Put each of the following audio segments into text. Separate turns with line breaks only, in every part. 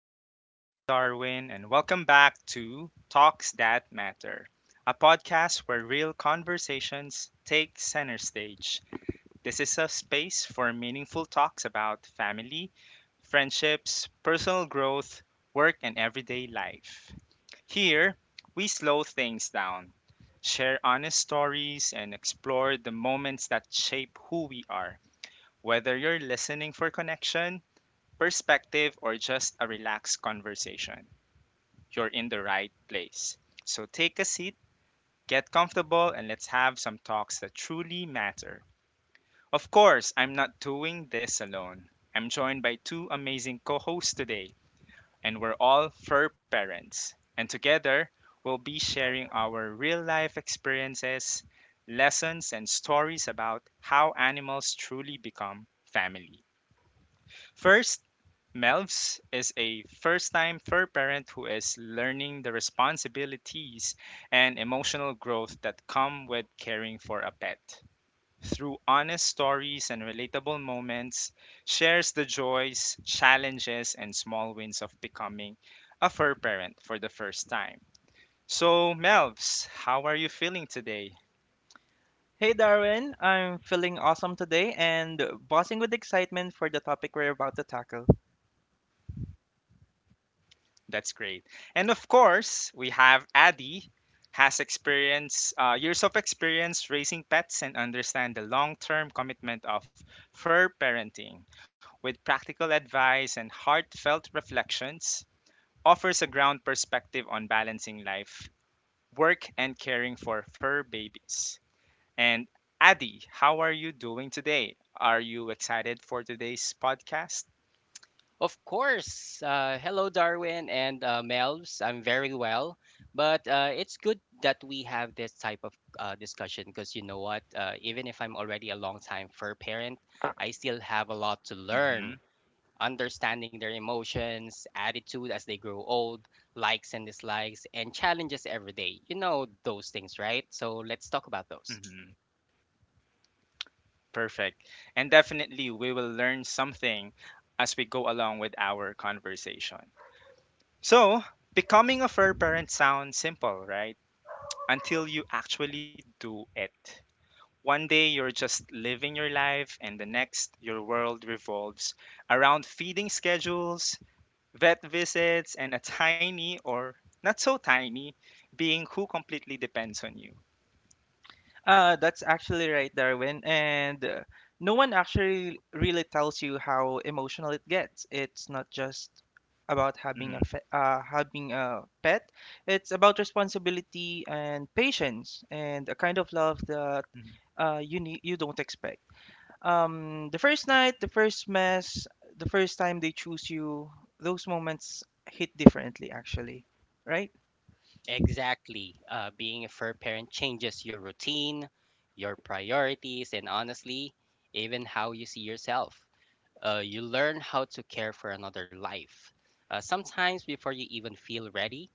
everyone. I'm Darwin, and welcome back to Talks That Matter, a podcast where real conversations take center stage. This is a space for meaningful talks about family, friendships, personal growth, work, and everyday life. Here, we slow things down, share honest stories, and explore the moments that shape who we are. Whether you're listening for connection, perspective, or just a relaxed conversation, you're in the right place. So take a seat, get comfortable, and let's have some talks that truly matter. Of course, I'm not doing this alone. I'm joined by two amazing co hosts today, and we're all fur parents. And together, we'll be sharing our real life experiences, lessons, and stories about how animals truly become family. First, Melvs is a first time fur parent who is learning the responsibilities and emotional growth that come with caring for a pet. Through honest stories and relatable moments, shares the joys, challenges, and small wins of becoming a fur parent for the first time. So, Melvs, how are you feeling today?
Hey Darwin, I'm feeling awesome today and buzzing with excitement for the topic we're about to tackle.
That's great. And of course, we have Addy has experience years of experience raising pets and understand the long-term commitment of fur parenting with practical advice and heartfelt reflections offers a ground perspective on balancing life work and caring for fur babies and Addy, how are you doing today? Are you excited for today's podcast?
Of course. Hello, Darwin and Melvs. I'm very well, but it's good that we have this type of discussion because you know what? Even if I'm already a long time fur parent, I still have a lot to
Mm-hmm.
learn. Understanding their emotions, attitude as they grow old, likes and dislikes, and challenges every day. You know those things, right? So let's talk about those.
Perfect. And definitely, we will learn something as we go along with our conversation. So, becoming a fur parent sounds simple, right? Until you actually do it. One day you're just living your life, and the next, your world revolves around feeding schedules, vet visits, and a tiny or not so tiny being who completely depends on you.
That's actually right, Darwin, and no one actually really tells you how emotional it gets. It's not just about having a
Hmm.
having a pet. It's about responsibility and patience and a kind of love that you don't expect. The first night, the first mess, the first time they choose you, those moments hit differently, actually, right?
Exactly. Being a fur parent changes your routine, your priorities, and honestly, even how you see yourself. You learn how to care for another life, sometimes before you even feel ready.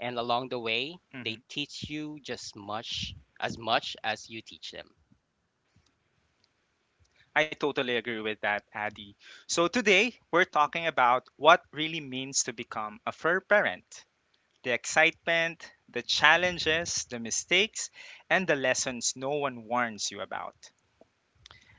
And along the way, they teach you just much as you teach them.
I totally agree with that, Addy. So today we're talking about what really means to become a fur parent. The excitement, the challenges, the mistakes, and the lessons no one warns you about.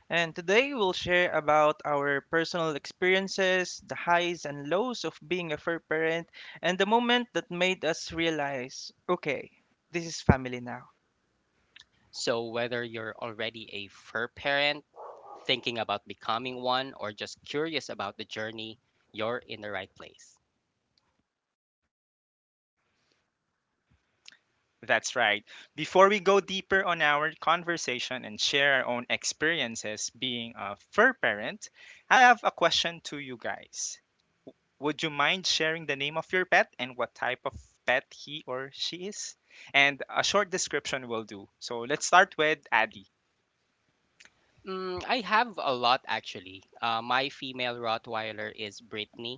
And today we'll share about our personal experiences, the highs and lows of being a fur parent, and the moment that made us realize, okay, this is family now.
So whether you're already a fur parent, thinking about becoming one, or just curious about the journey, you're in the right place.
That's right. Before we go deeper on our conversation and share our own experiences being a fur parent, I have a question to you guys. Would you mind sharing the name of your pet and what type of pet he or she is? And a short description will do. So let's start with Addy.
I have a lot actually. My female Rottweiler is Brittany.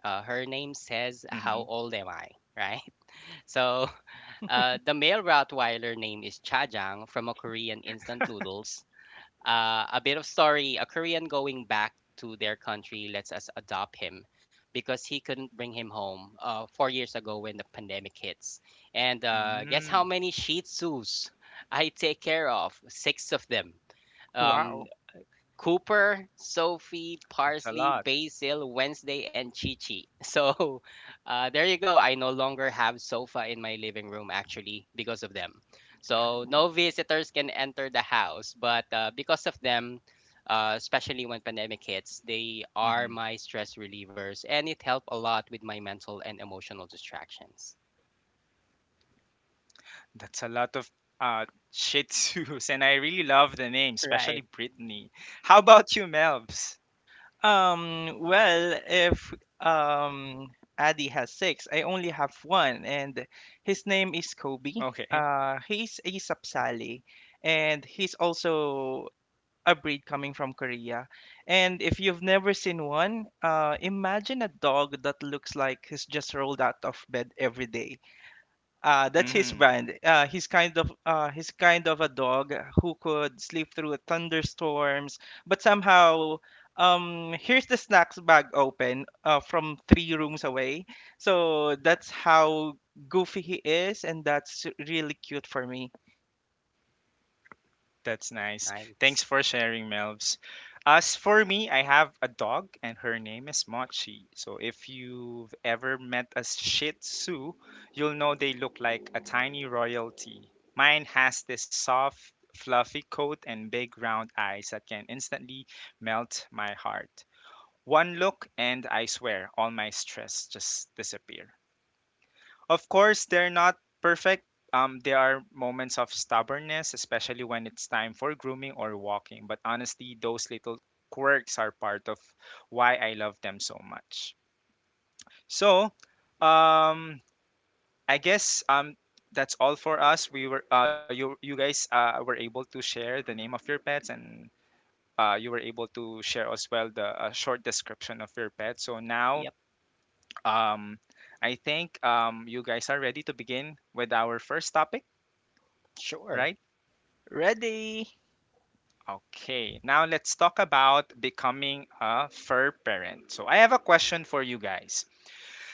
Her
Hmm.
name says, how old am I? Right? So, the male Rottweiler name is Chajang from a Korean instant noodles. A bit of story, a Korean going back to their country lets us adopt him because he couldn't bring him home 4 years ago when the pandemic hits. And
Mm,
guess how many Shih Tzus I take care of? Six of them, um,
Wow.
Cooper, Sophie,
that's a lot.
Parsley, Basil, Wednesday, and Chi Chi. So there you go. I no longer have sofa in my living room actually because of them. So no visitors can enter the house, but because of them, especially when pandemic hits, they are
Hmm.
my stress relievers, and it helped a lot with my mental and emotional distractions.
That's a lot of uh, Shih Tzus, and I really love the name, especially
Right.
Brittany. How about you, Melvs?
Well, if um Addy has six, I only have one, and his name is Kobe.
Okay.
He's a Sapsali, and he's also a breed coming from Korea. And if you've never seen one, imagine a dog that looks like he's just rolled out of bed every day. That's his
Mhm.
brand. He's kind of a dog who could sleep through thunderstorms, but somehow here's the snacks bag open from three rooms away. So that's how goofy he is, and that's really cute for me.
That's nice.
Nice.
Thanks for sharing, Melvs. As for me, I have a dog and her name is Mochi. So if you've ever met a Shih Tzu, you'll know they look like a tiny royalty. Mine has this soft, fluffy coat and big round eyes that can instantly melt my heart. One look and I swear all my stress just disappear. Of course, they're not perfect. There are moments of stubbornness, especially when it's time for grooming or walking. But honestly, those little quirks are part of why I love them so much. So, um, I guess that's all for us. We were you you guys were able to share the name of your pets and you were able to share as well the short description of your pet. So now,
Yep.
um, I think you guys are ready to begin with our first topic,
Sure.
right?
Ready?
Okay, now let's talk about becoming a fur parent. So, I have a question for you guys.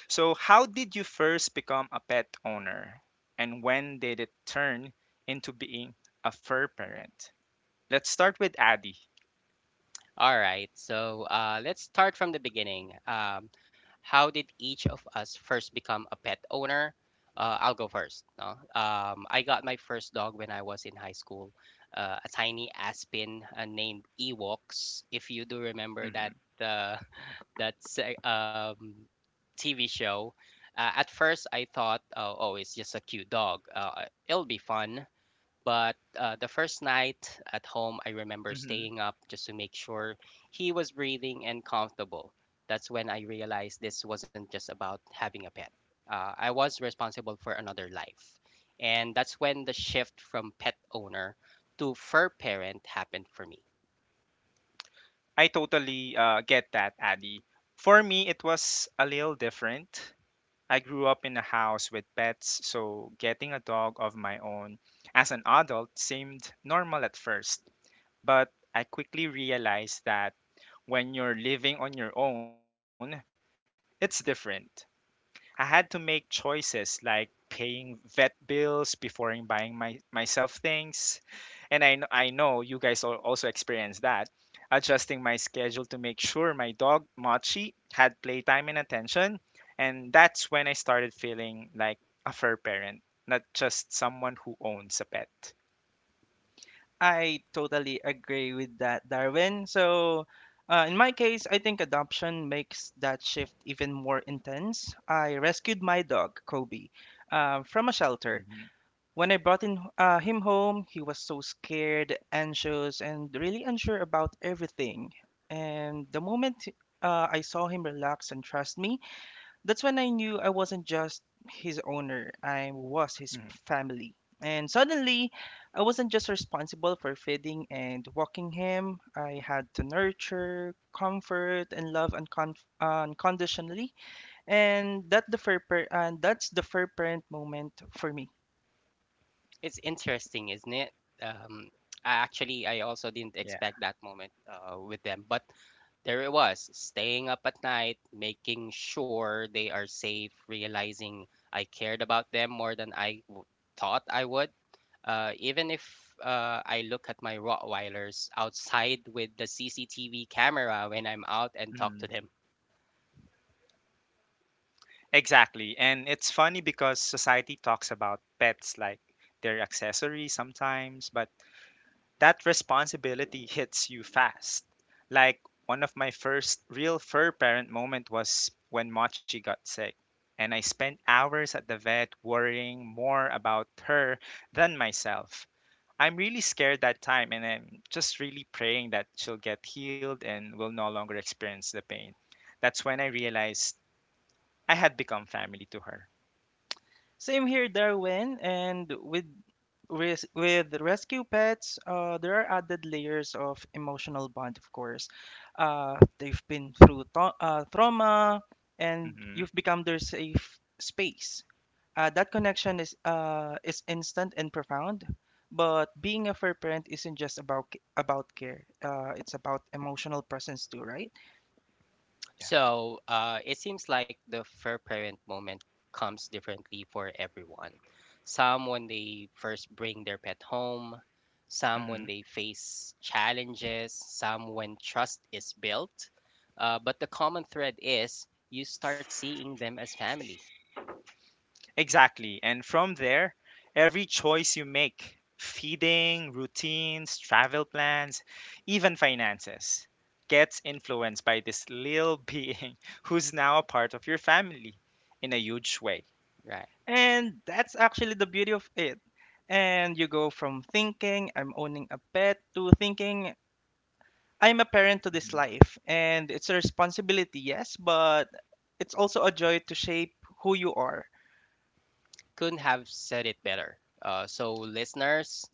So, how did you first become a pet owner, and when did it turn into being a fur parent? Let's start with Addy.
All right. So let's start from the beginning. How did each of us first become a pet owner? I'll go first. No? I got my first dog when I was in high school, a tiny Aspen named Ewoks. If you do remember that
Hmm.
uh, that se- TV show, at first I thought, oh, it's just a cute dog. It'll be fun. But the first night at home, I remember
Hmm.
staying up just to make sure he was breathing and comfortable. That's when I realized this wasn't just about having a pet. I was responsible for another life. And that's when the shift from pet owner to fur parent happened for me.
I totally get that, Addy. For me, it was a little different. I grew up in a house with pets, so getting a dog of my own as an adult seemed normal at first. But I quickly realized that when you're living on your own, it's different. I had to make choices like paying vet bills before I'm buying my myself things. And I know you guys also experienced that. Adjusting my schedule to make sure my dog, Machi, had playtime and attention. And that's when I started feeling like a fur parent, not just someone who owns a pet.
I totally agree with that, Darwin. So. In my case, I think adoption makes that shift even more intense. I rescued my dog, Kobe, from a shelter.
Hmm.
When I brought him home, he was so scared, anxious, and really unsure about everything. And the moment I saw him relax and trust me, that's when I knew I wasn't just his owner, I was his
Hmm.
family. And suddenly, I wasn't just responsible for feeding and walking him. I had to nurture, comfort, and love unconditionally. And that's the fair parent moment for me.
It's interesting, isn't it? Um, I also didn't
Yeah.
expect that moment with them. But there it was, staying up at night, making sure they are safe, realizing I cared about them more than I thought I would. Even if I look at my Rottweilers outside with the CCTV camera when I'm out and talk
Mm-hmm.
to them,
Exactly. And it's funny because society talks about pets like they're accessories sometimes, but that responsibility hits you fast. Like one of my first real fur parent moment was when Mochi got sick, and I spent hours at the vet worrying more about her than myself. I'm really scared that time and I'm just really praying that she'll get healed and will no longer experience the pain. That's when I realized I had become family to her.
Same here, Darwin. And with with rescue pets, there are added layers of emotional bond, of course. They've been through trauma, and
Hmm.
you've become their safe space. That connection is instant and profound. But being a fur parent isn't just about about care. It's about emotional presence too, right?
so it seems like the fair parent moment comes differently for everyone. Some when they first bring their pet home,
Yeah.
some
Hmm.
when they face challenges, some when trust is built. But the common thread is you start seeing them as family,
Exactly. And from there, every choice you make, feeding, routines, travel plans, even finances, gets influenced by this little being who's now a part of your family in a huge way.
right?
And that's actually the beauty of it. And you go from thinking, I'm owning a pet, to thinking, I'm a parent to this
Mhm.
life. And it's a responsibility, yes, but it's also a joy to shape who you are.
Couldn't have said it better. So, listeners,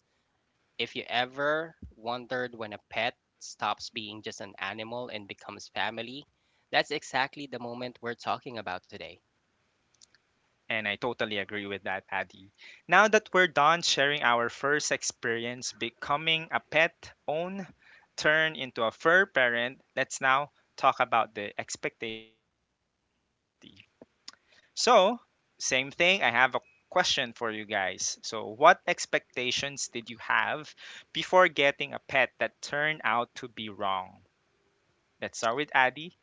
if you ever wondered when a pet stops being just an animal and becomes family, that's exactly the moment we're talking about today.
And I totally agree with that, Addy. Now that we're done sharing our first experience becoming a pet own turn into a fur parent, let's now talk about the expectations versus reality. So, same thing, I have a question for you guys. So, what expectations did you have before getting a pet that turned out to be wrong? Let's start with Addy.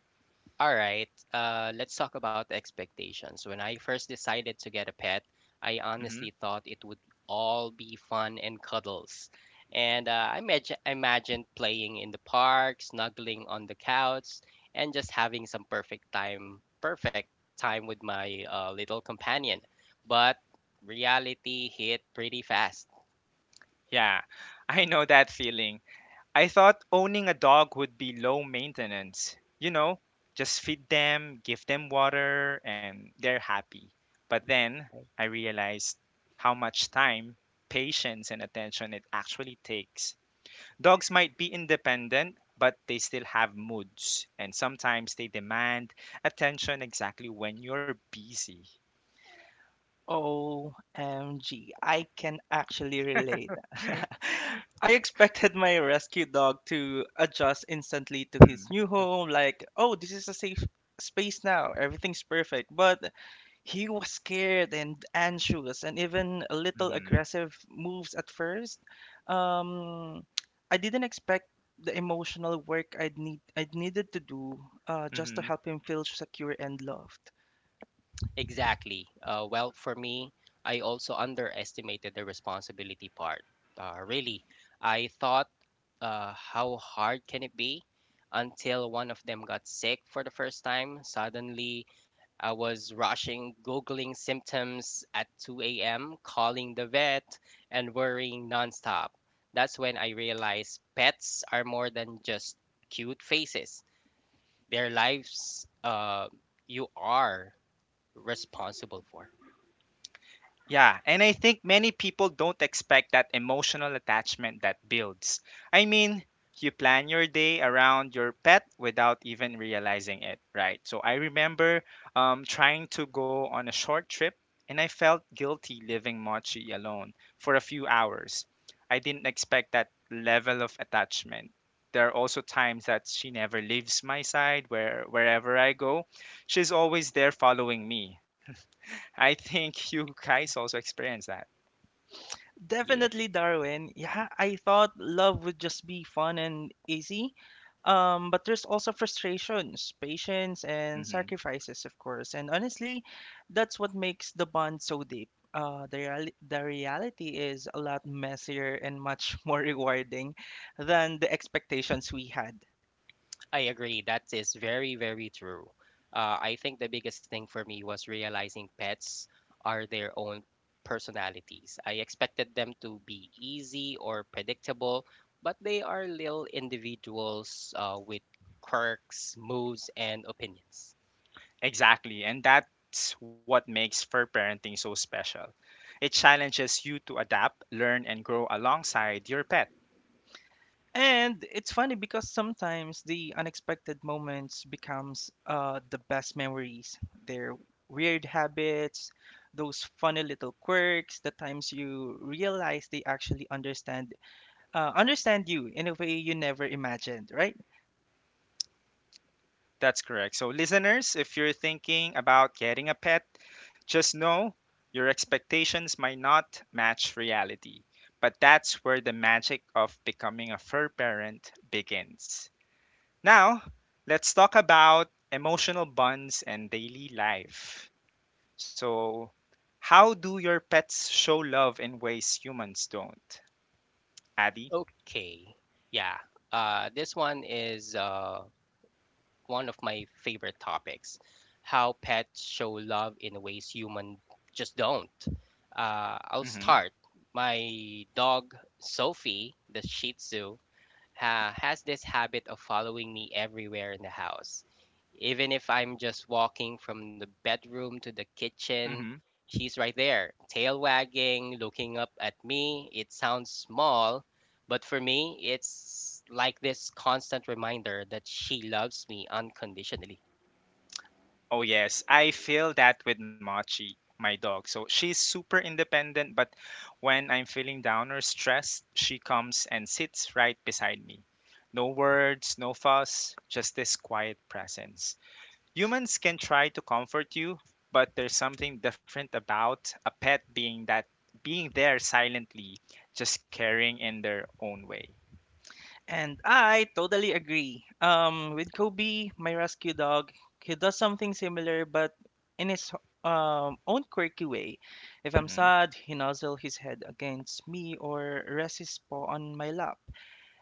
All right, let's talk about the expectations. When I first decided to get a pet, I
Hmm.
honestly thought it would all be fun and cuddles. And imagined playing in the park, snuggling on the couch, and just having some perfect time with my little companion. But reality hit pretty fast.
Yeah, I know that feeling. I thought owning a dog would be low maintenance. You know, just feed them, give them water, and they're happy. But then I realized how much time, patience, and attention it actually takes. Dogs might be independent, but they still have moods, and sometimes they demand attention exactly when you're busy.
OMG, I can actually relate. I expected my rescue dog to adjust instantly to his
Mm-hmm.
new home, like, oh, this is a safe space now, everything's perfect. But he was scared and anxious and even a little
Mm-hmm.
aggressive moves at first. Um, I didn't expect the emotional work I'd needed to do just to
Mm-hmm.
help him feel secure and loved.
Exactly. Well, for me, I also underestimated the responsibility part. Uh, really, I thought, how hard can it be? Until one of them got sick for the first time. Suddenly, I was rushing, Googling symptoms at 2 a.m., calling the vet, and worrying nonstop. That's when I realized pets are more than just cute faces. Their lives, you are responsible for.
Yeah, and I think many people don't expect that emotional attachment that builds. I mean, you plan your day around your pet without even realizing it, right? So I remember trying to go on a short trip and I felt guilty leaving Mochi alone for a few hours. I didn't expect that level of attachment. There are also times that she never leaves my side wherever I go. She's always there following me, I think you guys also experience that.
Yes,
Definitely, Darwin. Yeah, I thought love would just be fun and easy. But there's also frustrations, patience, and
Hmm.
sacrifices, of course. And honestly, that's what makes the bond so deep. The reality is a lot messier and much more rewarding than the expectations we had.
I agree. That is very, very true. I think the biggest thing for me was realizing pets are their own personalities. I expected them to be easy or predictable, but they are little individuals with quirks, moods, and opinions.
Exactly. And that's what makes fur parenting so special. It challenges you to adapt, learn, and grow alongside your pet.
And it's funny because sometimes the unexpected moments becomes the best memories. Their weird habits, those funny little quirks, the times you realize they actually understand you in a way you never imagined, right?
That's correct. So, listeners, if you're thinking about getting a pet, just know your expectations might not match reality. But that's where the magic of becoming a fur parent begins. Now, let's talk about emotional bonds and daily life. So, how do your pets show love in ways humans don't? Addy?
Okay, yeah. This one is one of my favorite topics, how pets show love in ways human just don't. I'll
Mm-hmm.
start. My dog, Sophie, the Shih Tzu, has this habit of following me everywhere in the house. Even if I'm just walking from the bedroom to the kitchen,
Mm-hmm.
she's right there, tail wagging, looking up at me. It sounds small, but for me, it's like this constant reminder that she loves me unconditionally.
Oh yes, I feel that with Machi, my dog. So she's super independent, but when I'm feeling down or stressed, she comes and sits right beside me. No words, no fuss, just this quiet presence. Humans can try to comfort you, but there's something different about a pet being there silently, just caring in their own way.
And I totally agree. With Kobe, my rescue dog, he does something similar, but in his own quirky way. If I'm
Hmm.
sad, he nuzzles his head against me or rests his paw on my lap.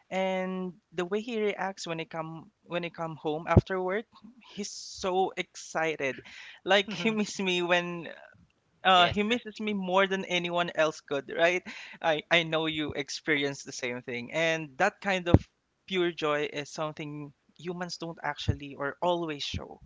And the way he reacts when I come home after work, he's so excited, like
Yes,
he
that's—
misses me more than anyone else could, right? I know you experience the same thing. And that kind of pure joy is something humans don't actually or always show.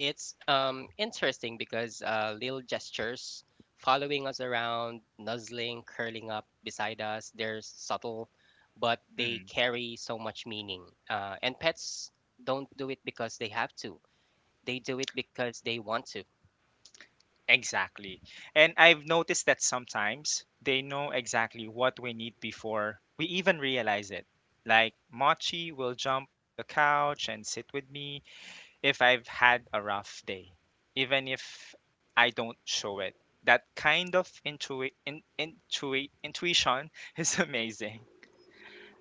it's interesting because little gestures, following us around, nuzzling, curling up beside us, they're subtle, but they
Hmm.
carry so much meaning. And pets don't do it because they have to. They do it because they want to.
Exactly. And I've noticed that sometimes they know exactly what we need before we even realize it. Like Mochi will jump on the couch and sit with me if I've had a rough day, even if I don't show it. That kind of intuition is amazing.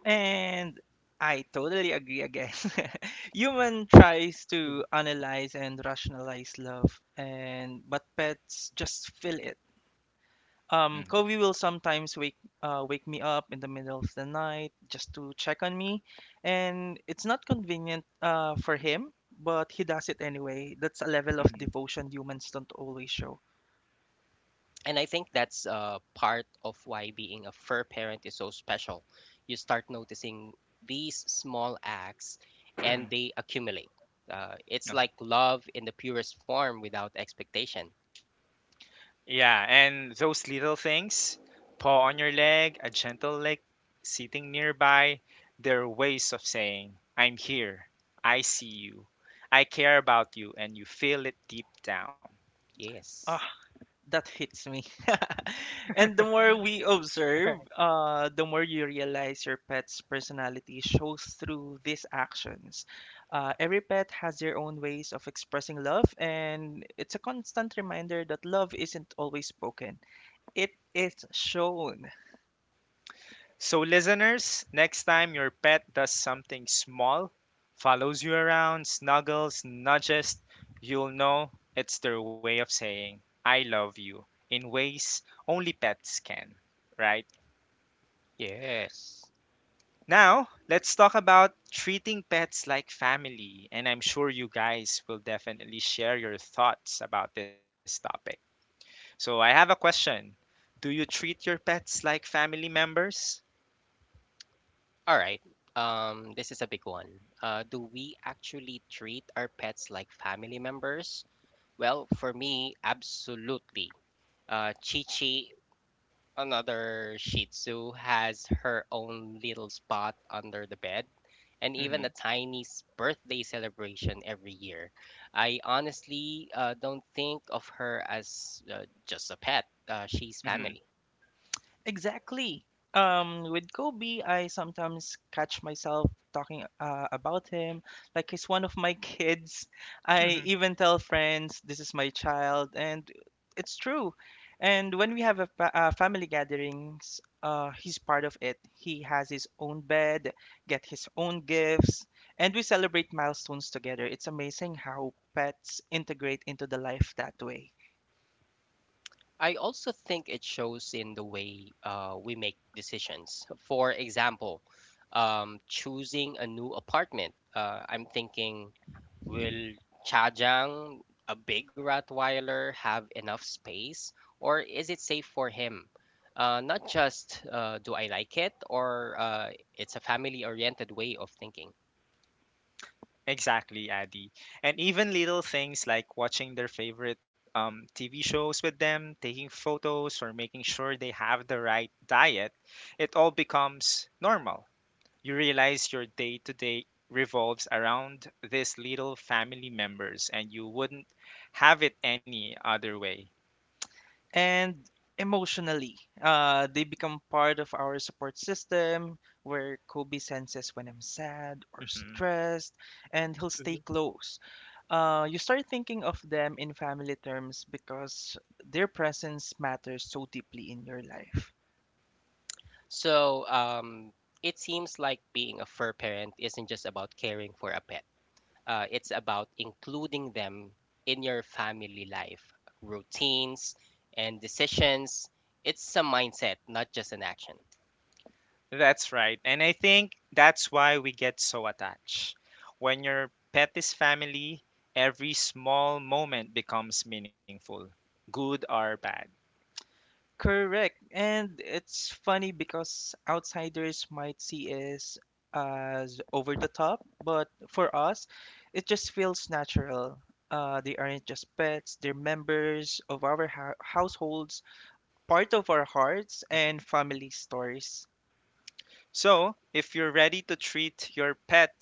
And I totally agree again. Human tries
Mhm.
to analyze and rationalize love and but pets just feel it.
Hmm.
Kobe will sometimes wake me up in the middle of the night just to check on me, and it's not convenient for him, but he does it anyway. That's a level of
Hmm.
devotion humans don't always show.
And I think that's part of why being a fur parent is so special. You start noticing these small acts and
Hmm.
they accumulate. It's
No.
like love in the purest form without expectation.
Yeah, and those little things paw on your leg, a gentle leg sitting nearby, they're ways of saying, I'm here, I see you, I care about you, and you feel it deep down.
Yes.
Ah, that hits me. And the more we
All
observe,
right.
the more you realize your pet's personality shows through these actions. Every pet has their own ways of expressing love, and it's a constant reminder that love isn't always spoken. It is shown.
So, listeners, next time your pet does something small, follows you around, snuggles, nudges, you'll know it's their way of saying, I love you, in ways only pets can, right?
Yes.
Now, let's talk about treating pets like family, and I'm sure you guys will definitely share your thoughts about this topic. So, I have a question. Do you treat your pets like family members?
All right. This is a big one. Do we actually treat our pets like family members? Well, for me, absolutely. Chi-Chi, another Shih Tzu, has her own little spot under the bed and
Hmm.
even a birthday celebration every year. I honestly don't think of her as just a pet. She's family.
Exactly. With Kobe, I sometimes catch myself talking about him. Like he's one of my kids. I
Hmm.
even tell friends, this is my child, and it's true. And when we have a family gatherings, he's part of it. He has his own bed, get his own gifts, and we celebrate milestones together. It's amazing how pets integrate into the life that way.
I also think it shows in the way we make decisions. For example, choosing a new apartment. I'm thinking, will Chajang, a big Rottweiler, have enough space, or is it safe for him? Not just Do I like it, or it's a family-oriented way of thinking.
Exactly, Addy. And even little things like watching their favorite TV shows with them, taking photos, or making sure they have the right diet, it all becomes normal. You realize your day to day revolves around these little family members, and you wouldn't have it any other way.
And emotionally. They become part of our support system where Kobe senses when I'm sad or
Mhm.
stressed, and he'll stay
Mhm.
close. You start thinking of them in family terms because their presence matters so deeply in your life.
So it seems like being a fur parent isn't just about caring for a pet. It's about including them in your family life, routines, and decisions. It's a mindset, not just an action.
That's right. And I think that's why we get so attached. When your pet is family, every small moment becomes meaningful, good or bad.
Correct. And it's funny because outsiders might see it as over the top, but for us, it just feels natural. They aren't just pets, they're members of our households, part of our hearts and family stories.
So, if you're ready to treat your pet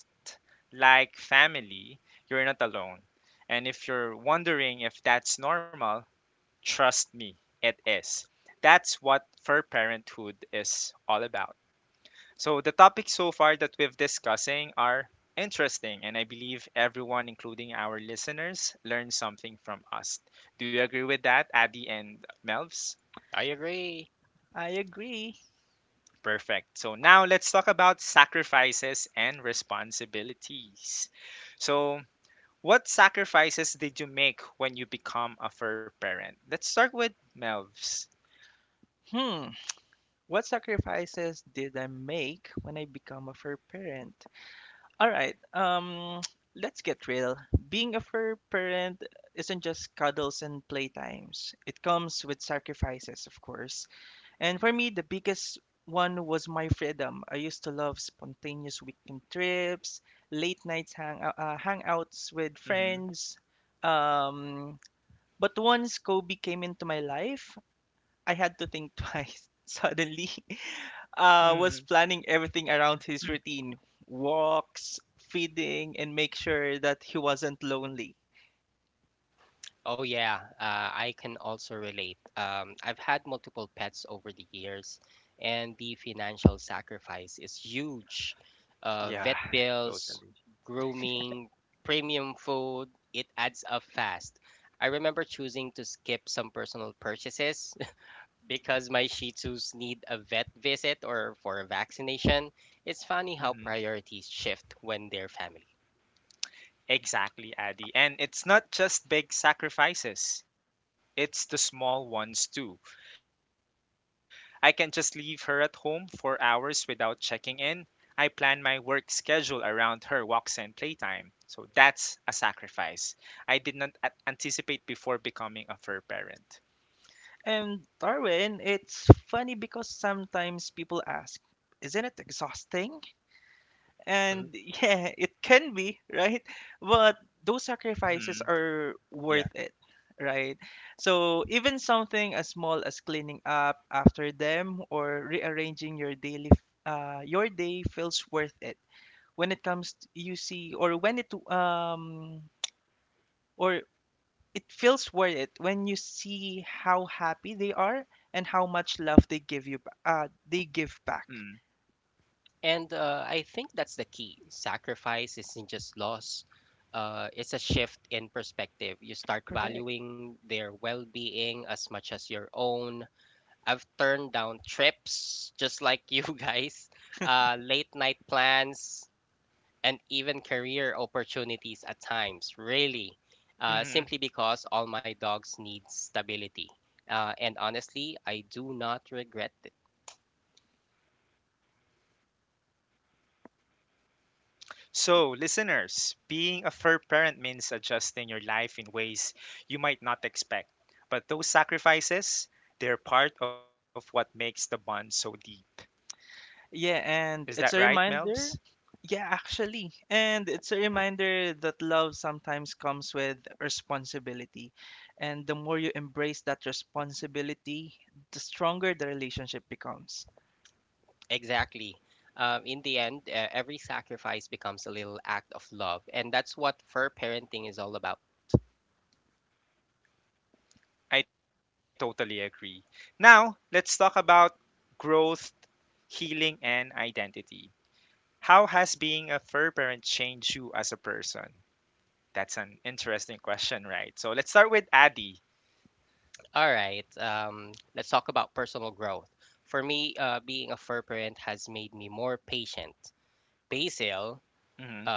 like family, you're not alone. And if you're wondering if that's normal, trust me, it is. That's what fur parenthood is all about. So the topics so far that we've discussing are interesting and I believe everyone including our listeners learned something from us. Do you agree with that, Adi and Melvs?
I agree.
I agree.
Perfect. So now let's talk about sacrifices and responsibilities. So what sacrifices did you make when you become a fur parent? Let's start with Melvs.
Hmm. What sacrifices did I make when I become a fur parent? All right. Let's get real. Being a fur parent isn't just cuddles and playtimes. It comes with sacrifices, of course. And for me, the biggest one was my freedom. I used to love spontaneous weekend trips, late nights hangouts with
Hmm.
friends. Um, but once Kobe came into my life, I had to think twice. Suddenly, was
Hmm.
planning everything around his routine, walks, feeding, and make sure that he wasn't lonely.
Oh, yeah, I can also relate. I've had multiple pets over the years, and the financial sacrifice is huge.
Yeah,
Vet bills,
totally.
grooming, premium food, it adds up fast. I remember choosing to skip some personal purchases because my Shih Tzus need a vet visit or for a vaccination. It's funny how
Mm-hmm.
priorities shift when they're family.
Exactly, Addy. And it's not just big sacrifices, it's the small ones too. I can just leave her at home for hours without checking in. I plan my work schedule around her walks and playtime. So that's a sacrifice I did not anticipate before becoming a fur parent.
And Darwin, it's funny because sometimes people ask, isn't it exhausting? And
Mhm.
yeah, it can be, right? But those
Hmm.
sacrifices are
Yeah.
worth it, right? So even something as small as cleaning up after them or rearranging your daily your day feels worth it when it comes to you see or when it or it feels worth it when you see how happy they are and how much love they give you they
Mm-hmm.
give back.
And I think that's the key. Sacrifice isn't just loss, it's a shift in perspective. You start
Correct.
valuing their well being as much as your own. I've turned down trips, just like you guys, late night plans, and even career opportunities at times, really,
Mm-hmm.
simply because all my dogs need stability. And honestly, I do not regret it.
So, listeners, being a fur parent means adjusting your life in ways you might not expect. But those sacrifices, they're part of what makes the bond so deep.
Yeah,
Is that
and
right,
it's a
Melvs?
reminder. Yeah, actually. And it's a reminder that love sometimes comes with responsibility. And the more you embrace that responsibility, the stronger the relationship becomes.
Exactly. In the end, every sacrifice becomes a little act of love, and that's what fur parenting is all about.
I totally agree. Now, let's talk about growth, healing, and identity. How has being a fur parent changed you as a person? That's an interesting question, right? So, let's start with Addy.
All right, let's talk about personal growth. For me, being a fur parent has made me more patient. Basil,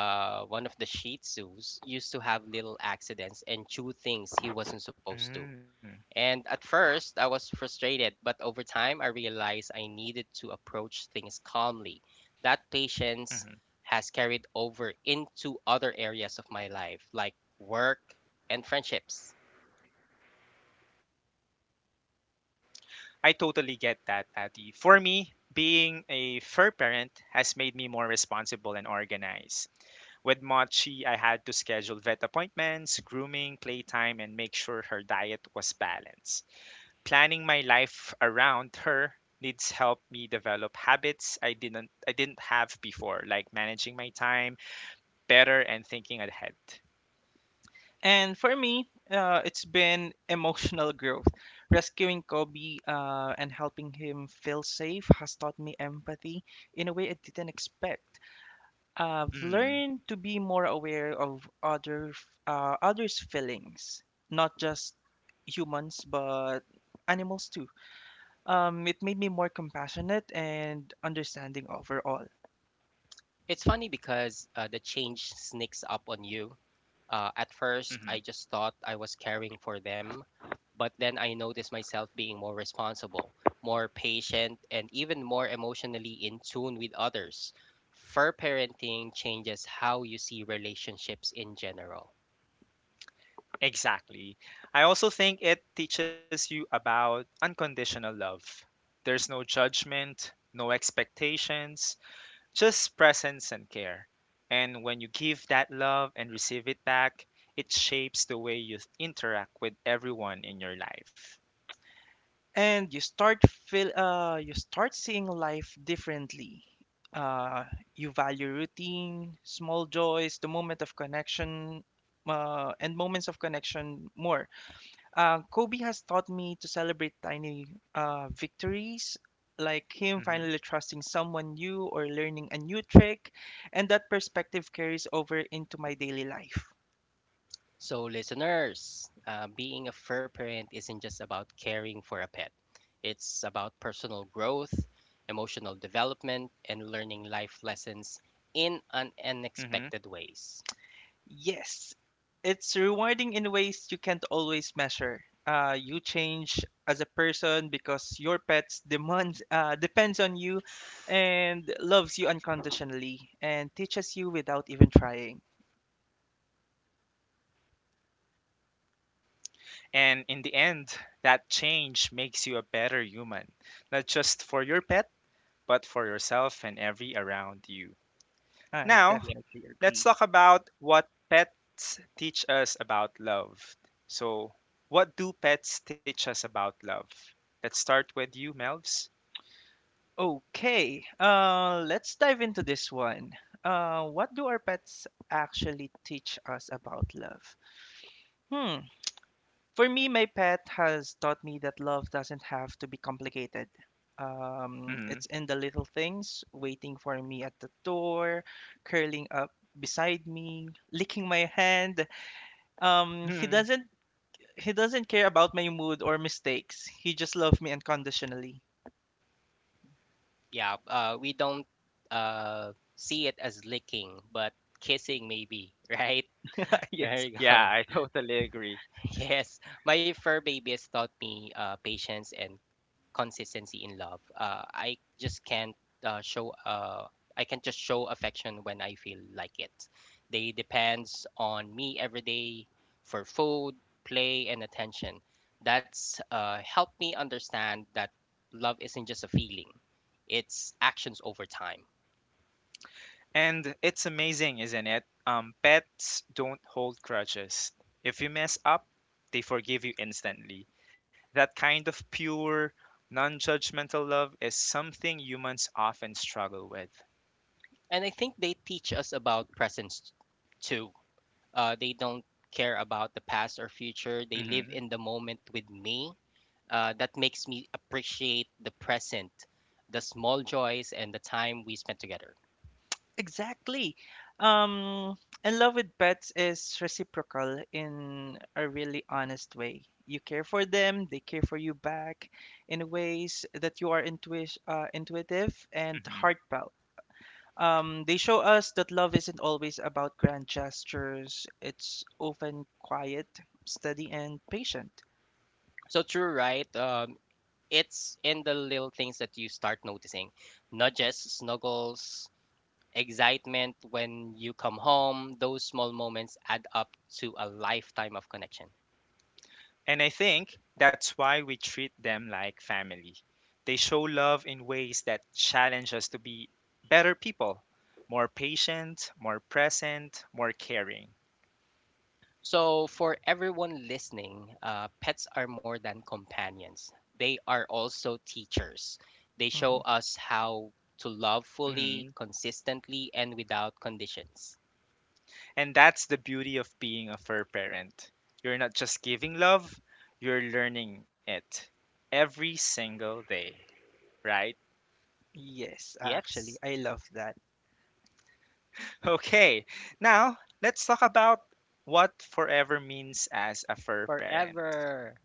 Mm-hmm.
one of the Shih Tzus, used to have little accidents and chew things he wasn't supposed to.
Mm-hmm.
And at first, I was frustrated, but over time, I realized I needed to approach things calmly. That patience has carried over into other areas of my life, like work and friendships.
I totally get that, Adi. For me, being a fur parent has made me more responsible and organized. With Mochi, I had to schedule vet appointments, grooming, playtime, and make sure her diet was balanced. Planning my life around her needs helped me develop habits I didn't have before, like managing my time better and thinking ahead.
And for me, it's been emotional growth. Rescuing Kobe and helping him feel safe has taught me empathy in a way I didn't expect. I've
Mm,
learned to be more aware of others' feelings, not just humans, but animals too. It made me more compassionate and understanding overall.
It's funny because the change sneaks up on you. At first,
mhm.
I just thought I was caring for them, but then I noticed myself being more responsible, more patient, and even more emotionally in tune with others. Fur parenting changes how you see relationships in general.
Exactly. I also think it teaches you about unconditional love. There's no judgment, no expectations, just presence and care. And when you give that love and receive it back, it shapes the way you interact with everyone in your life.
And you start seeing life differently. Uh, you value routine, small joys, the moment of connection, and moments of connection more. Kobe has taught me to celebrate tiny victories, like him
Hmm.
finally trusting someone new or learning a new trick, and that perspective carries over into my daily life.
So, listeners, being a fur parent isn't just about caring for a pet, it's about personal growth, emotional development, and learning
Hmm.
life lessons in an unexpected ways. Yep.
Yes, it's rewarding in ways you can't always measure. You change as a person because your pets demands depends on you and loves you unconditionally and teaches you without even trying.
And in the end, that change makes you a better human, not just for your pet, but for yourself and every around you.
I
Now,
definitely
let's
agree.
talk about what pets teach us about love. So, what do pets teach us about love? Let's start with you, Melvs.
Okay, let's dive into this one. What do our pets actually teach us about love? Hmm. For me, my pet has taught me that love doesn't have to be complicated.
Hmm.
It's in the little things, waiting for me at the door, curling up beside me, licking my hand. Um, he
Hmm.
doesn't he doesn't care about my mood or mistakes. He just loves me unconditionally.
Yeah, we don't see it as licking, but kissing maybe, right? There
Yes.
you
Yeah,
go.
I totally agree.
Yes, my fur baby has taught me patience and consistency in love. I just can't show I can just show affection when I feel like it. They depends on me every day for food, play, and attention. That's helped me understand that love isn't just a feeling; it's actions over time.
And it's amazing, isn't it? Pets don't hold grudges. If you mess up, they forgive you instantly. That kind of pure, non judgmental love is something humans often struggle with.
And I think they teach us about presence too. They don't care about the past or future. They live
Hmm.
in the moment with me. That makes me appreciate the present, the small joys, and the time we spent together.
Exactly. Um, and love with pets is reciprocal in a really honest way. You care for them, they care for you back in ways that you are intuitive and
Hmm.
heartfelt. They show us that love isn't always about grand gestures, it's often quiet, steady, and patient.
So true, right? It's in the little things that you start noticing, nudges, snuggles, excitement when you come home. Those small moments add up to a lifetime of connection.
And I think that's why we treat them like family. They show love in ways that challenge us to be better people, more patient, more present, more caring.
So, for everyone listening, pets are more than companions. They are also teachers. They show
Mhm.
us how to love fully,
Mhm.
consistently, and without conditions.
And that's the beauty of being a fur parent. You're not just giving love, you're learning it every single day, right?
Yes, actually,
Yes,
I love that.
Okay, now let's talk about what forever means as a fur parent.
forever.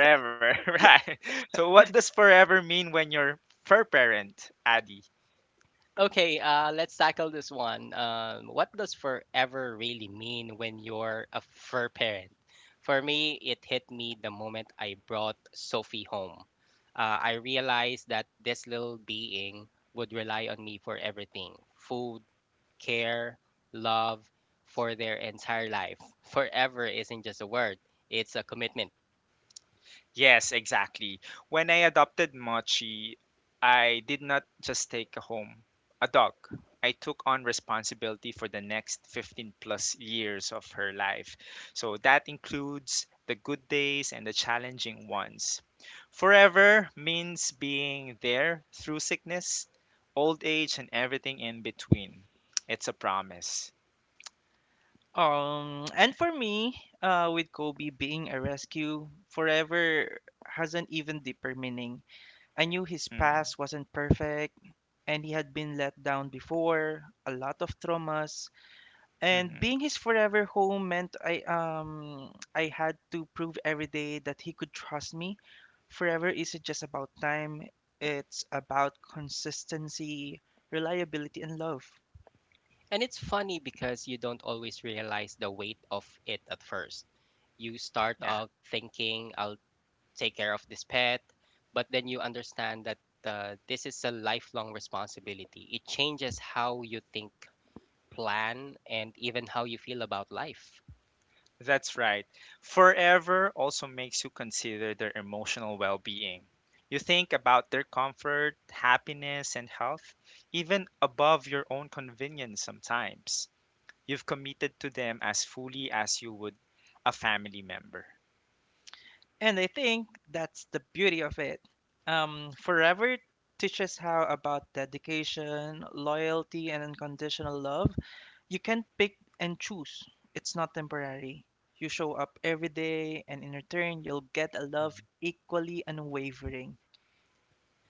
Forever, right. So what does forever mean when you're fur parent, Adi?
Okay, let's tackle this one. What does forever really mean when you're a fur parent? For me, it hit me the moment I brought Sophie home. I realized that this little being would rely on me for everything, food, care, love, for their entire life. Forever isn't just a word, it's a commitment.
Yes, exactly. When I adopted Mochi, I did not just take a home, a dog. I took on responsibility for the next 15 plus years of her life. So that includes the good days and the challenging ones. Forever means being there through sickness, old age, and everything in between. It's a promise.
And for me, with Kobe being a rescue, forever has an even deeper meaning. I knew his
Mm.
past wasn't perfect, and he had been let down before, a lot of traumas, and
Mhm.
being his forever home meant I had to prove every day that he could trust me. Forever isn't just about time; it's about consistency, reliability, and love.
And it's funny because you don't always realize the weight of it at first. You start
Yeah,
out thinking I'll take care of this pet, but then you understand that this is a lifelong responsibility. It changes how you think, plan, and even how you feel about life.
that's right. Forever also makes you consider their emotional well being. You think about their comfort, happiness, and health, even above your own convenience sometimes. You've committed to them as fully as you would a family member.
And I think that's the beauty of it. Forever teaches how about dedication, loyalty, and unconditional love. You can pick and choose. It's not temporary. You show up every day, and in return, you'll get a love
Mhm.
equally unwavering.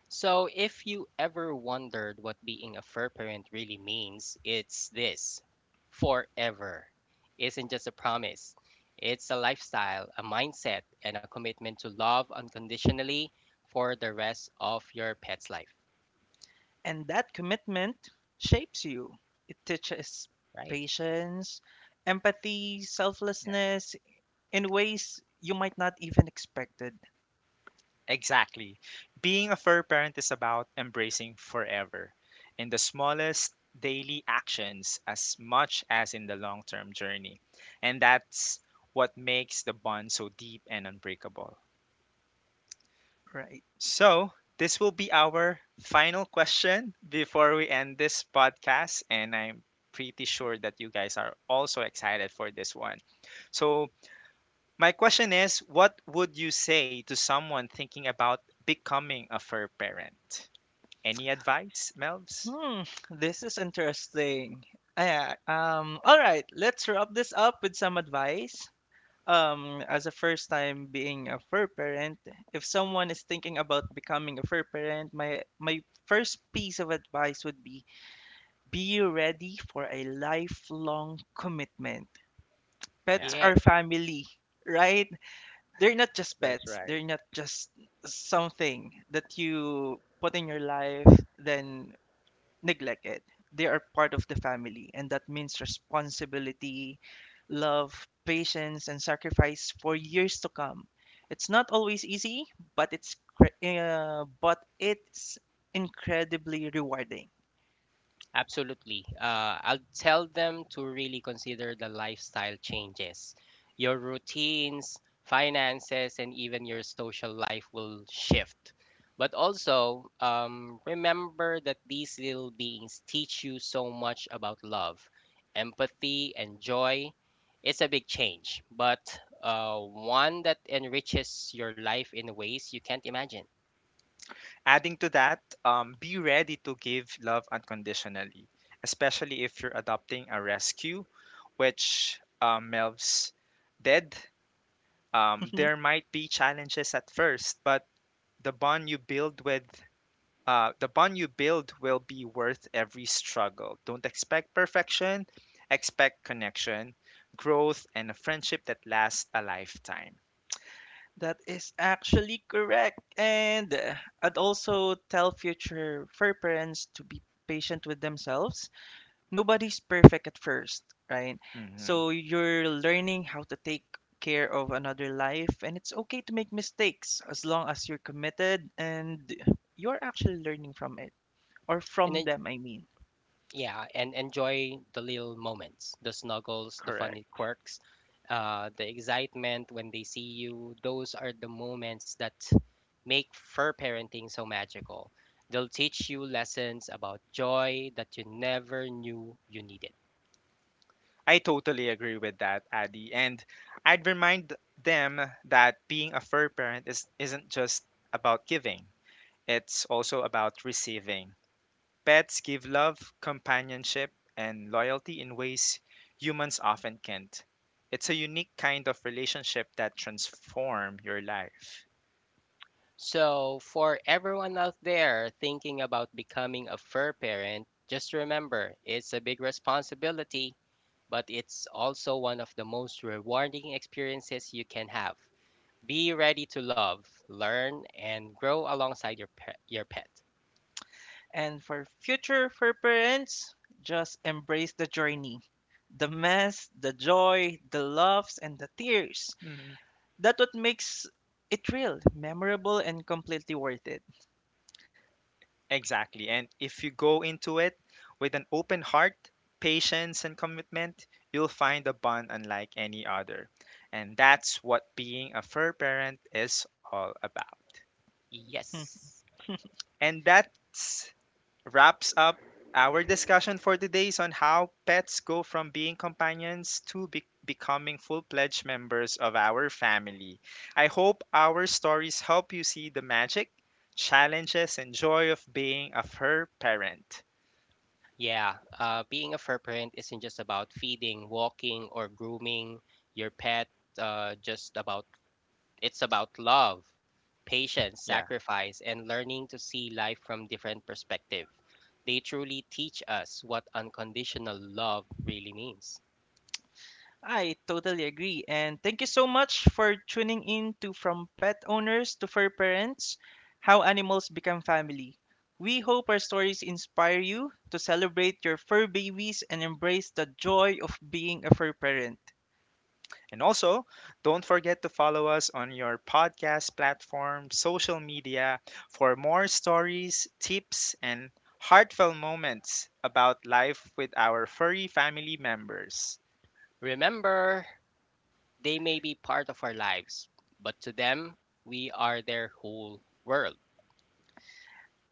So if you ever wondered what being a fur parent really means, it's this. Forever isn't just a promise, it's a lifestyle, a mindset, and a commitment to love unconditionally for the rest of your pet's life,
And that commitment shapes you. It teaches
right?
patience, empathy, selflessness in ways you might not even expected,
Exactly. Being a fair parent is about embracing forever in the smallest daily actions as much as in the long term journey. And that's what makes the bond so deep and unbreakable.
right?
So, this will be our final question before we end this podcast. And I'm pretty sure that you guys are also excited for this one. So, my question is what would you say to someone thinking about becoming a fur parent? Any advice, Melvs?
Hmm, this is interesting. Yeah, all right, let's wrap this up with some advice. As a first time being a fur parent, if someone is thinking about becoming a fur parent, my first piece of advice would be ready for a lifelong commitment. Pets
Yeah,
Yeah.
are family, right? They're not just
that's
pets. They're
right.
not just something that you put in your life, then neglected. They are part of the family, and that means responsibility, love, patience, and sacrifice for years to come. It's not always easy, but but it's incredibly rewarding.
Absolutely. I'll tell them to really consider the lifestyle changes. Your routines, finances, and even your social life will shift. But also, remember that these little beings teach you so much about love, empathy, and joy. It's a big change, but one that enriches your life in ways you can't imagine.
Adding to that, be ready to give love unconditionally, especially if you're adopting a rescue, which Melvs did.
Mhm.
There might be challenges at first, but the bond you build with the bond you build will be worth every struggle. Don't expect perfection, expect connection, growth, and a friendship that lasts a lifetime.
That is actually correct. And I'd also tell future fur parents to be patient with themselves. Nobody's perfect at first, right?
Hmm.
So you're learning how to take care of another life, and it's okay to make mistakes as long as you're committed and you're actually learning from it or
And
from
then
them, I mean.
yeah, and enjoy the little moments, the snuggles, the funny
Correct.
quirks, the excitement when they see you. Those are the moments that make fur parenting so magical. They'll teach you lessons about joy that you never knew you needed.
I totally agree with that, Adi. And I'd remind them that being a fur parent isn't just about giving, it's also about receiving. Pets give love, companionship, and loyalty in ways humans often can't. It's a unique kind of relationship that transform your life.
So for everyone out there thinking about becoming a fur parent, just remember it's a big responsibility, but it's also one of the most rewarding experiences you can have. Be ready to love, learn, and grow alongside your pet.
And for future for parents, just embrace the journey. The mess, the joy, the laughs, and the tears.
Mm-hmm.
That's what makes it real, memorable, and completely worth it.
Exactly. And if you go into it with an open heart, patience, and commitment, you'll find a bond unlike any other. And that's what being a fur parent is all about.
Yes.
And that wraps up our discussion for today is on how pets go from being companions to becoming full-fledged members of our family. I hope our stories help you see the magic, challenges, and joy of being a fur parent.
Yeah. Being a fur parent isn't just about feeding, walking, or grooming your pet. Just about It's about love, patience,
Yeah.
sacrifice, and learning to see life from different perspective. They truly teach us what unconditional love really means.
I totally agree. And thank you so much for tuning in to From Pet Owners to Fur Parents, How Animals Become Family. We hope our stories inspire you to celebrate your fur babies and embrace the joy of being a fur parent.
And also, don't forget to follow us on your podcast platform, social media for more stories, tips, and heartfelt moments about life with our furry family members.
Remember, they may be part of our lives, but to them, we are their whole world.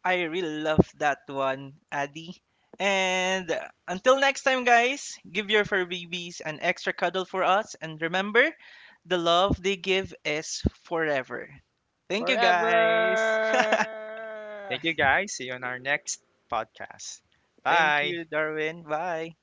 I really love that one, Addy. And until next time, guys, give your fur babies an extra cuddle for us. And remember, the love they give is forever. Thank you, guys.
Thank
Forever
you guys. See you on our next podcast.
Thank
Bye.
you, Darwin. Bye.